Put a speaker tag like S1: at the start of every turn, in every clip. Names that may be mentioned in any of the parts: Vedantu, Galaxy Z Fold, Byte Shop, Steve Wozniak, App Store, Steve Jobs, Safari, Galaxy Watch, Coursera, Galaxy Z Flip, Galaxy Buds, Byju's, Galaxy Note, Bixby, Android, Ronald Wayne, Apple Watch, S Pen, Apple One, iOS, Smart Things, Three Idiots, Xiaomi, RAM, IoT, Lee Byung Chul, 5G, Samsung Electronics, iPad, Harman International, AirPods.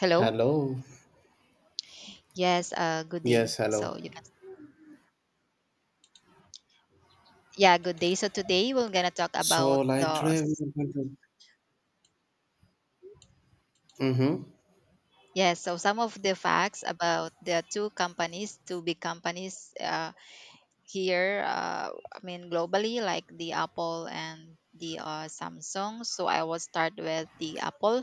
S1: Hello?
S2: Hello.
S1: Yes, good
S2: Yes,
S1: day.
S2: hello.
S1: Good day. So today we're gonna talk about
S2: So, like
S1: the,
S2: today, we are going to. Mm-hmm.
S1: yes, so some of the facts about the two companies, to big companies here, I mean globally, like the Apple and the Samsung. So I will start with the Apple.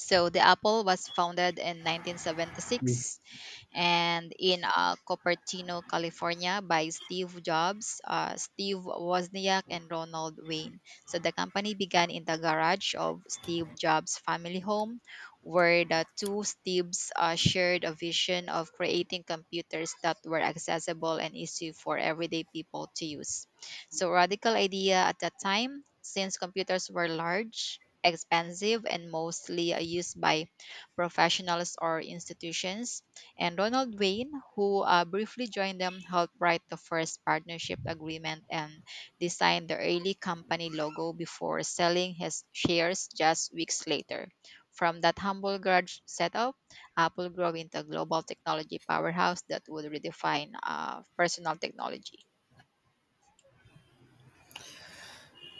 S1: So the Apple was founded in 1976 and in Cupertino, California, by Steve Jobs, Steve Wozniak, and Ronald Wayne. So the company began in the garage of Steve Jobs' family home, where the two Steves shared a vision of creating computers that were accessible and easy for everyday people to use. So radical idea at that time, since computers were large, expensive, and mostly used by professionals or institutions, and Ronald Wayne, who briefly joined them, helped write the first partnership agreement and designed the early company logo before selling his shares just weeks later. From that humble garage setup, Apple grew into a global technology powerhouse that would redefine personal technology.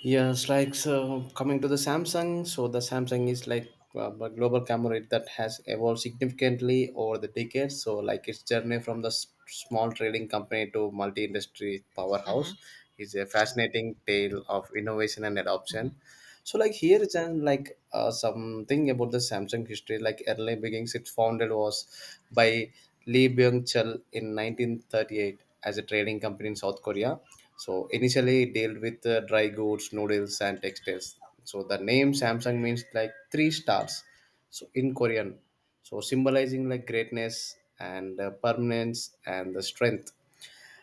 S2: Yes, like so coming to the Samsung, so the Samsung is like a global camera that has evolved significantly over the decades. So like its journey from the small trading company to multi-industry powerhouse
S1: Mhm,
S2: is a fascinating tale of innovation and
S1: mhm,
S2: adoption. So like here is an, like something about the Samsung history. Like early beginnings, its founded was by Lee Byung Chul in 1938 as a trading company in South Korea, so initially it dealt with dry goods, noodles, and textiles. So the name Samsung means like three stars. So in Korean, so symbolizing like greatness and permanence and the strength.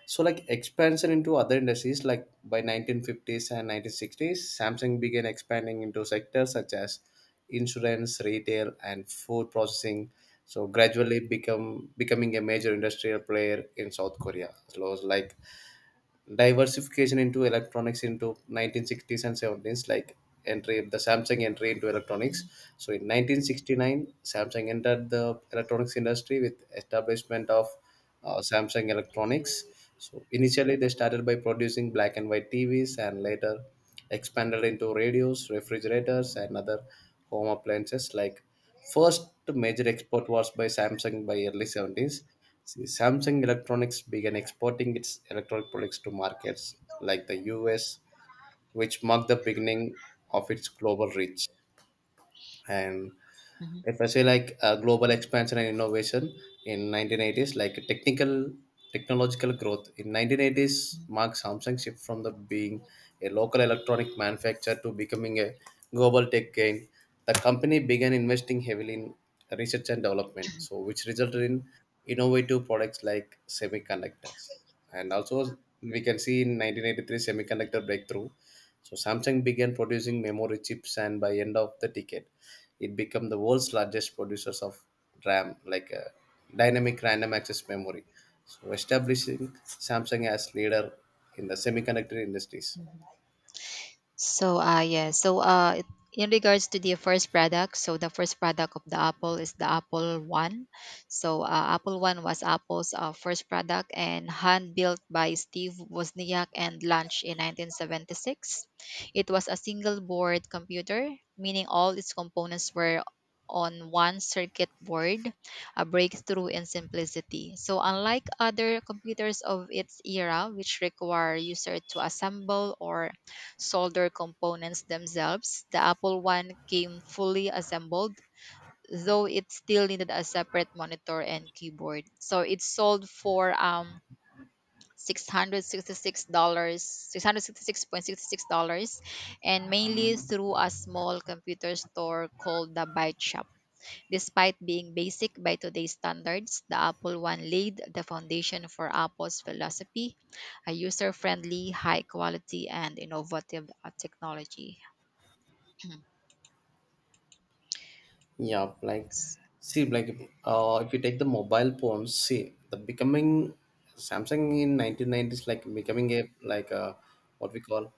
S2: So like expansion into other industries, like by 1950s and 1960s, Samsung began expanding into sectors such as insurance, retail, and food processing. So gradually become becoming a major industrial player in South Korea. So it was like diversification into electronics into 1960s and 70s, like entry the samsung entry into electronics.
S1: mhm,
S2: So in 1969, samsung entered the electronics industry with establishment of samsung electronics. So initially they started by producing black and white tvs and later expanded into radios, refrigerators, and other home appliances. Like first major export was by samsung by early 70s. See, Samsung Electronics began exporting its electronic products to markets like the US, which marked the beginning of its global reach. And
S1: mhm,
S2: if I say like global expansion and innovation in 1980s, like technical technological growth in 1980s
S1: mhm,
S2: marks Samsung shift from the being a local electronic manufacturer to becoming a global tech giant. The company began investing heavily in research and development, so which resulted in innovative products like semiconductors. And also, we can see in 1983 semiconductor breakthrough. So Samsung began producing memory chips, and by end of the decade it became the world's largest producers of RAM, like dynamic random access memory, so establishing Samsung as leader in the semiconductor industries.
S1: mhm. So uh yeah. So uh it- in regards to the first product, so the first product of the Apple is the Apple One. Apple One was Apple's first product, and hand built by Steve Wozniak and launched in 1976. It was a single board computer, meaning all its components were on one circuit board, a breakthrough in simplicity. So unlike other computers of its era, which require user to assemble or solder components themselves, the Apple One came fully assembled, though it still needed a separate monitor and keyboard. So it sold for $666, $666.66, and mainly through a small computer store called the Byte Shop. Despite being basic by today's standards, the Apple One laid the foundation for Apple's philosophy: a user friendly, high quality, and innovative technology. Mhm.
S2: Yeah, like
S1: S-
S2: see, like if you take the mobile phones, see the becoming Samsung in 1990s, like becoming a like a what we call.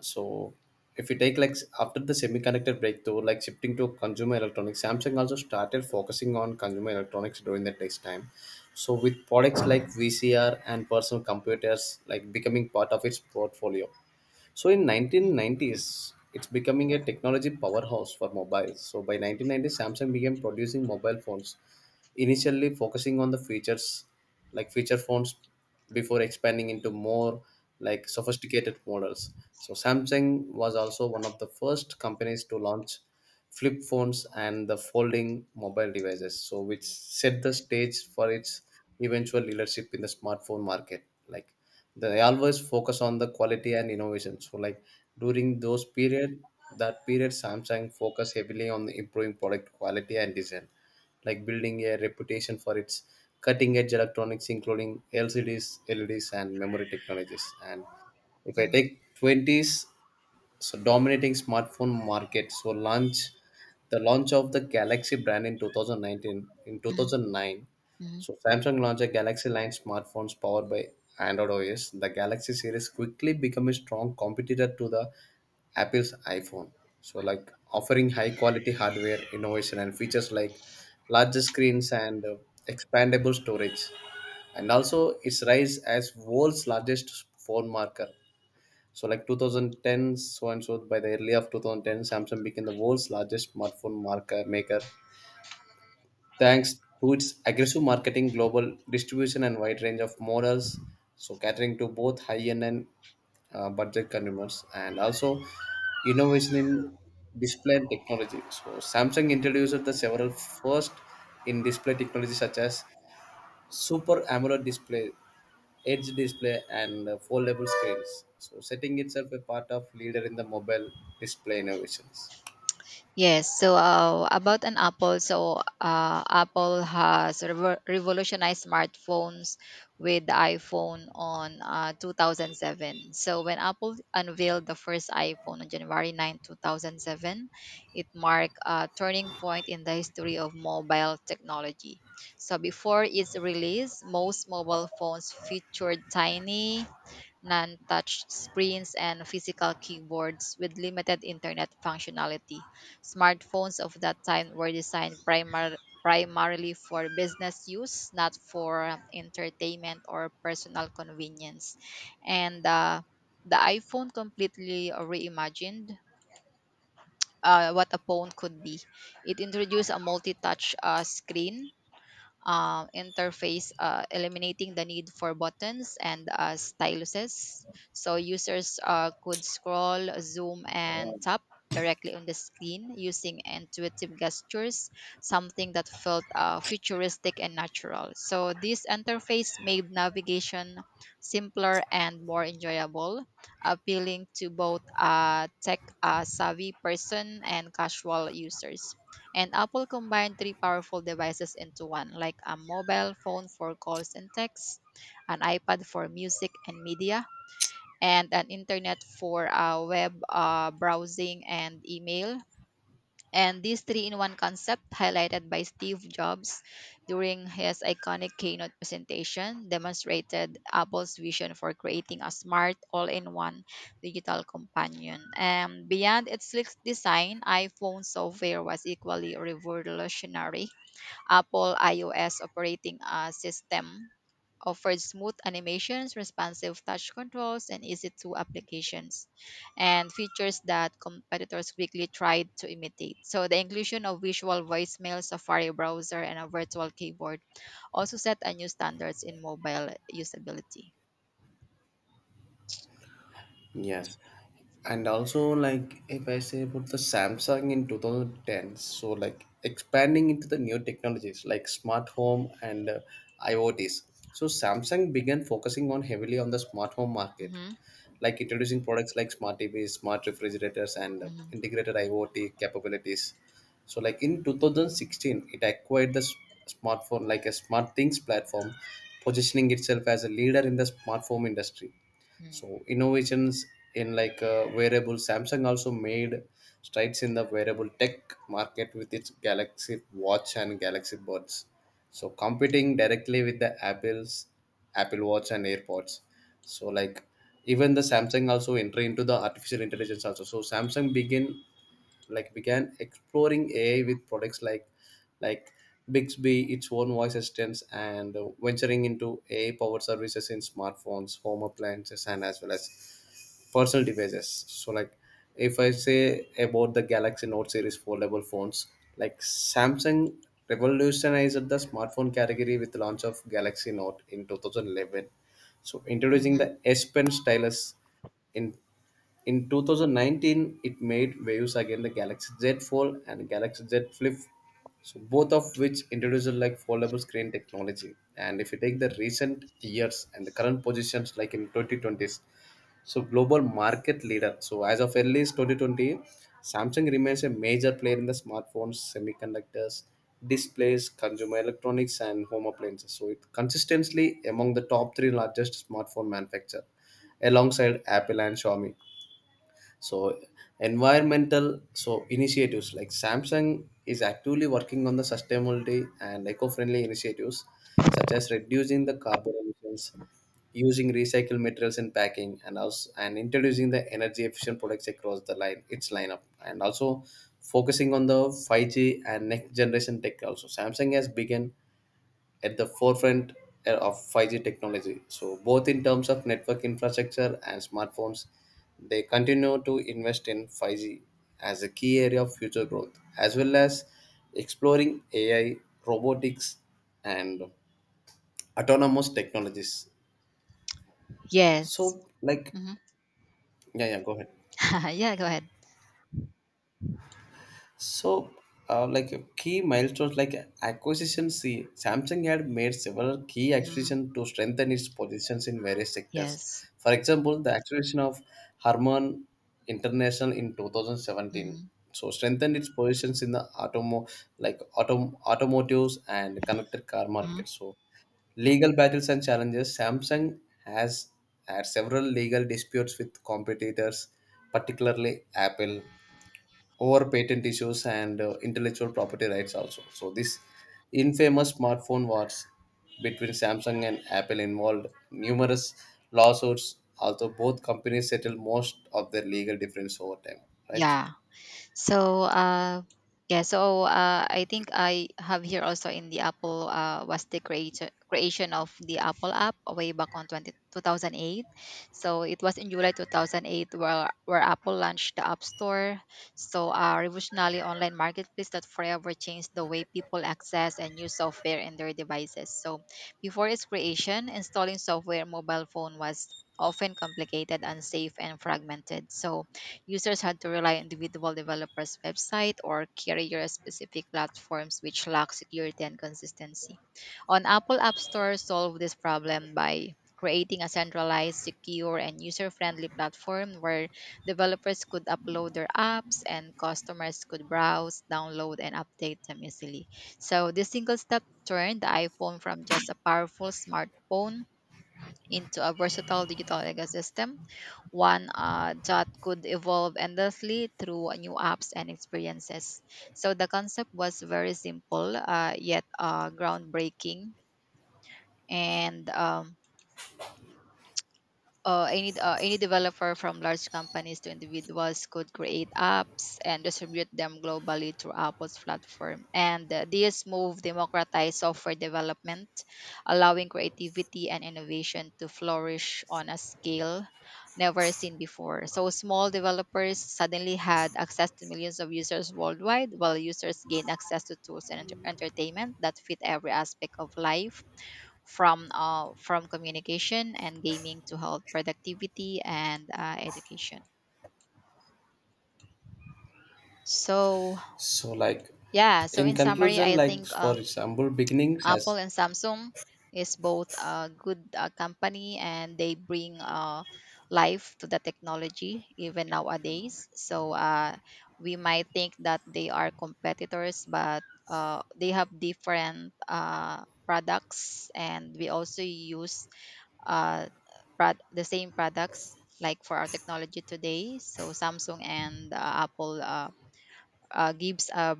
S2: So if you take like after the semiconductor breakthrough, like shifting to consumer electronics, Samsung also started focusing on consumer electronics during the next time. So with products
S1: mhm,
S2: like VCR and personal computers like becoming part of its portfolio. So in
S1: mm,
S2: 1990s, it's becoming a technology powerhouse for mobiles. So by 1990, Samsung began producing mobile phones, initially focusing on the features, like feature phones, before expanding into more like sophisticated models. So Samsung was also one of the first companies to launch flip phones and the folding mobile devices, so which set the stage for its eventual leadership in the smartphone market. Like they always focus on the quality and innovation, so like during those period, that period samsung focused heavily on improving product quality and design, like building a reputation for its cutting edge electronics including lcds, leds, and memory technologies. And if I
S1: mm,
S2: take 20s, so dominating smartphone market, so launch of the galaxy brand in 2019, in
S1: mhm,
S2: 2009,
S1: mhm.
S2: so samsung launched a galaxy line smartphones powered by android os. The galaxy series quickly became a strong competitor to the apple's iphone, so like offering high quality hardware, innovation and features like larger screens and expandable storage, and also its rise as world's largest phone marker. So like 2010, so by the early of 2010, Samsung became the world's largest smartphone market maker thanks to its aggressive marketing, global distribution, and wide range of models. So catering to both high-end and budget consumers, and also innovation in display and technology. So Samsung introduced the several first in display technology such as super AMOLED display, edge display, and foldable screens. So setting itself a part of leader in the mobile display innovations.
S1: Yes, so about an Apple, Apple has revolutionized smartphones with the iPhone on 2007. So when Apple unveiled the first iPhone on January 9, 2007, it marked a turning point in the history of mobile technology. So before its release, most mobile phones featured tiny non-touch screens and physical keyboards with limited internet functionality. Smartphones of that time were designed primarily for business use, not for entertainment or personal convenience. And the iPhone completely reimagined what a phone could be. It introduced a multi-touch screen interface, eliminating the need for buttons and styluses. So users could scroll, zoom, and tap directly on the screen using intuitive gestures, something that felt futuristic and natural. So this interface made navigation simpler and more enjoyable, appealing to both tech savvy person and casual users. And Apple combined three powerful devices into one: like a mobile phone for calls and texts, an iPad for music and media, and an internet for web browsing and email. And this three in one concept, highlighted by Steve Jobs during his iconic keynote presentation, demonstrated Apple's vision for creating a smart, all in one digital companion. And beyond its slick design, iPhone software was equally revolutionary. Apple iOS operating system offered smooth animations, responsive touch controls, and easy to applications, and features that competitors quickly tried to imitate. So the inclusion of visual voicemail, Safari browser, and a virtual keyboard also set a new standards in mobile usability.
S2: Yes. And also, like, if I say about the Samsung in 2010, so like expanding into the new technologies like smart home and IoTs. So Samsung began focusing on heavily on the smart home market,
S1: hmm
S2: like introducing products like smart TVs, smart refrigerators, and
S1: hmm
S2: integrated IoT capabilities. So, like in 2016, it acquired the s- smartphone like a smart things platform, positioning itself as a leader in the smartphone industry. So innovations in like wearable, samsung also made strides in the wearable tech market with its galaxy watch and galaxy buds, so competing directly with the apple watch and airpods. So like even the samsung also entry into the artificial intelligence also, so samsung begin like began exploring AI with products like Bixby, its own voice assistants, and venturing into AI-powered services in smartphones, home appliances, and as well as personal devices. So, like if I say about the Galaxy Note series foldable phones, like Samsung revolutionized the smartphone category with the launch of Galaxy Note in 2011. So, introducing
S1: hmm
S2: the S Pen stylus in in 2019, it made waves again the Galaxy Z Fold and Galaxy Z Flip, so both of which introduced like foldable screen technology. And if you take the recent years and the current positions, like in 2020s, so global market leader. So as of early as 2020, Samsung remains a major player in the smartphones, semiconductors, displays, consumer electronics, and home appliances. So it consistently among the top three largest smartphone manufacturer alongside Apple and Xiaomi. So environmental so initiatives, like samsung is actively working on the sustainability and eco-friendly initiatives such as reducing the carbon emissions, using recycled materials in packing, and also and introducing the energy efficient products across the line, its lineup, and also focusing on the 5G and next generation tech. Also samsung has begun at the forefront of 5G technology. So, both in terms of network infrastructure and smartphones, they continue to invest in 5G as a key area of future growth, as well as exploring AI, robotics, and autonomous technologies.
S1: Yes.
S2: So, like,
S1: hmm
S2: yeah, yeah, go ahead.
S1: yeah, go ahead.
S2: So, key milestones like acquisition. See, Samsung had made several key
S1: hmm
S2: acquisitions to strengthen its positions in various sectors.
S1: Yes.
S2: For example, the acquisition of Harman International in 2017,
S1: hmm
S2: so strengthened its positions in the automotives and connected car
S1: hmm
S2: market. So, legal battles and challenges. Samsung has had several legal disputes with competitors, particularly Apple over patent issues and intellectual property rights also. So this infamous smartphone wars between Samsung and Apple involved numerous lawsuits, although both companies settled most of their legal difference over time, right?
S1: Yeah. So uh, I think I have here also in the Apple was the creation of the Apple app way back on twenty 2008. So it was in July 2008 where Apple launched the App Store. So a revolutionary online marketplace that forever changed the way people access and use software in their devices. So before its creation, installing software on mobile phone was often complicated, unsafe, and fragmented. So users had to rely on individual developers' website or carrier-specific platforms, which lack security and consistency. On Apple App Store, solved this problem by creating a centralized, secure, and user-friendly platform where developers could upload their apps and customers could browse, download, and update them easily. So this single step turned the iPhone from just a powerful smartphone into a versatile digital ecosystem, one that could evolve endlessly through new apps and experiences. So the concept was very simple yet groundbreaking, and any developer, from large companies to individuals, could create apps and distribute them globally through Apple's platform. And this move democratized software development, allowing creativity and innovation to flourish on a scale never seen before. So small developers suddenly had access to millions of users worldwide, while users gained access to tools and entertainment that fit every aspect of life, from communication and gaming to health productivity and education. so
S2: So like
S1: yeah so
S2: in
S1: in summary,
S2: conclusion,
S1: I
S2: like
S1: think
S2: for example, beginnings
S1: Apple
S2: has
S1: and Samsung is both a good company and they bring life to the technology even nowadays, we might think that they are competitors but they have different products, and we also use uh, the same products like for our technology today. So Samsung and Apple gives a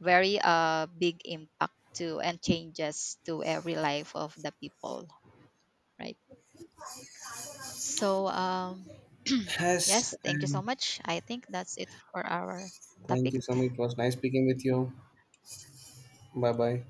S1: very big impact to and changes to every life of the people, right? So um,
S2: has
S1: yes, thank you so
S2: and
S1: much. I think that's it for our
S2: thank
S1: topic.
S2: you so much. It was nice speaking with you. Bye bye.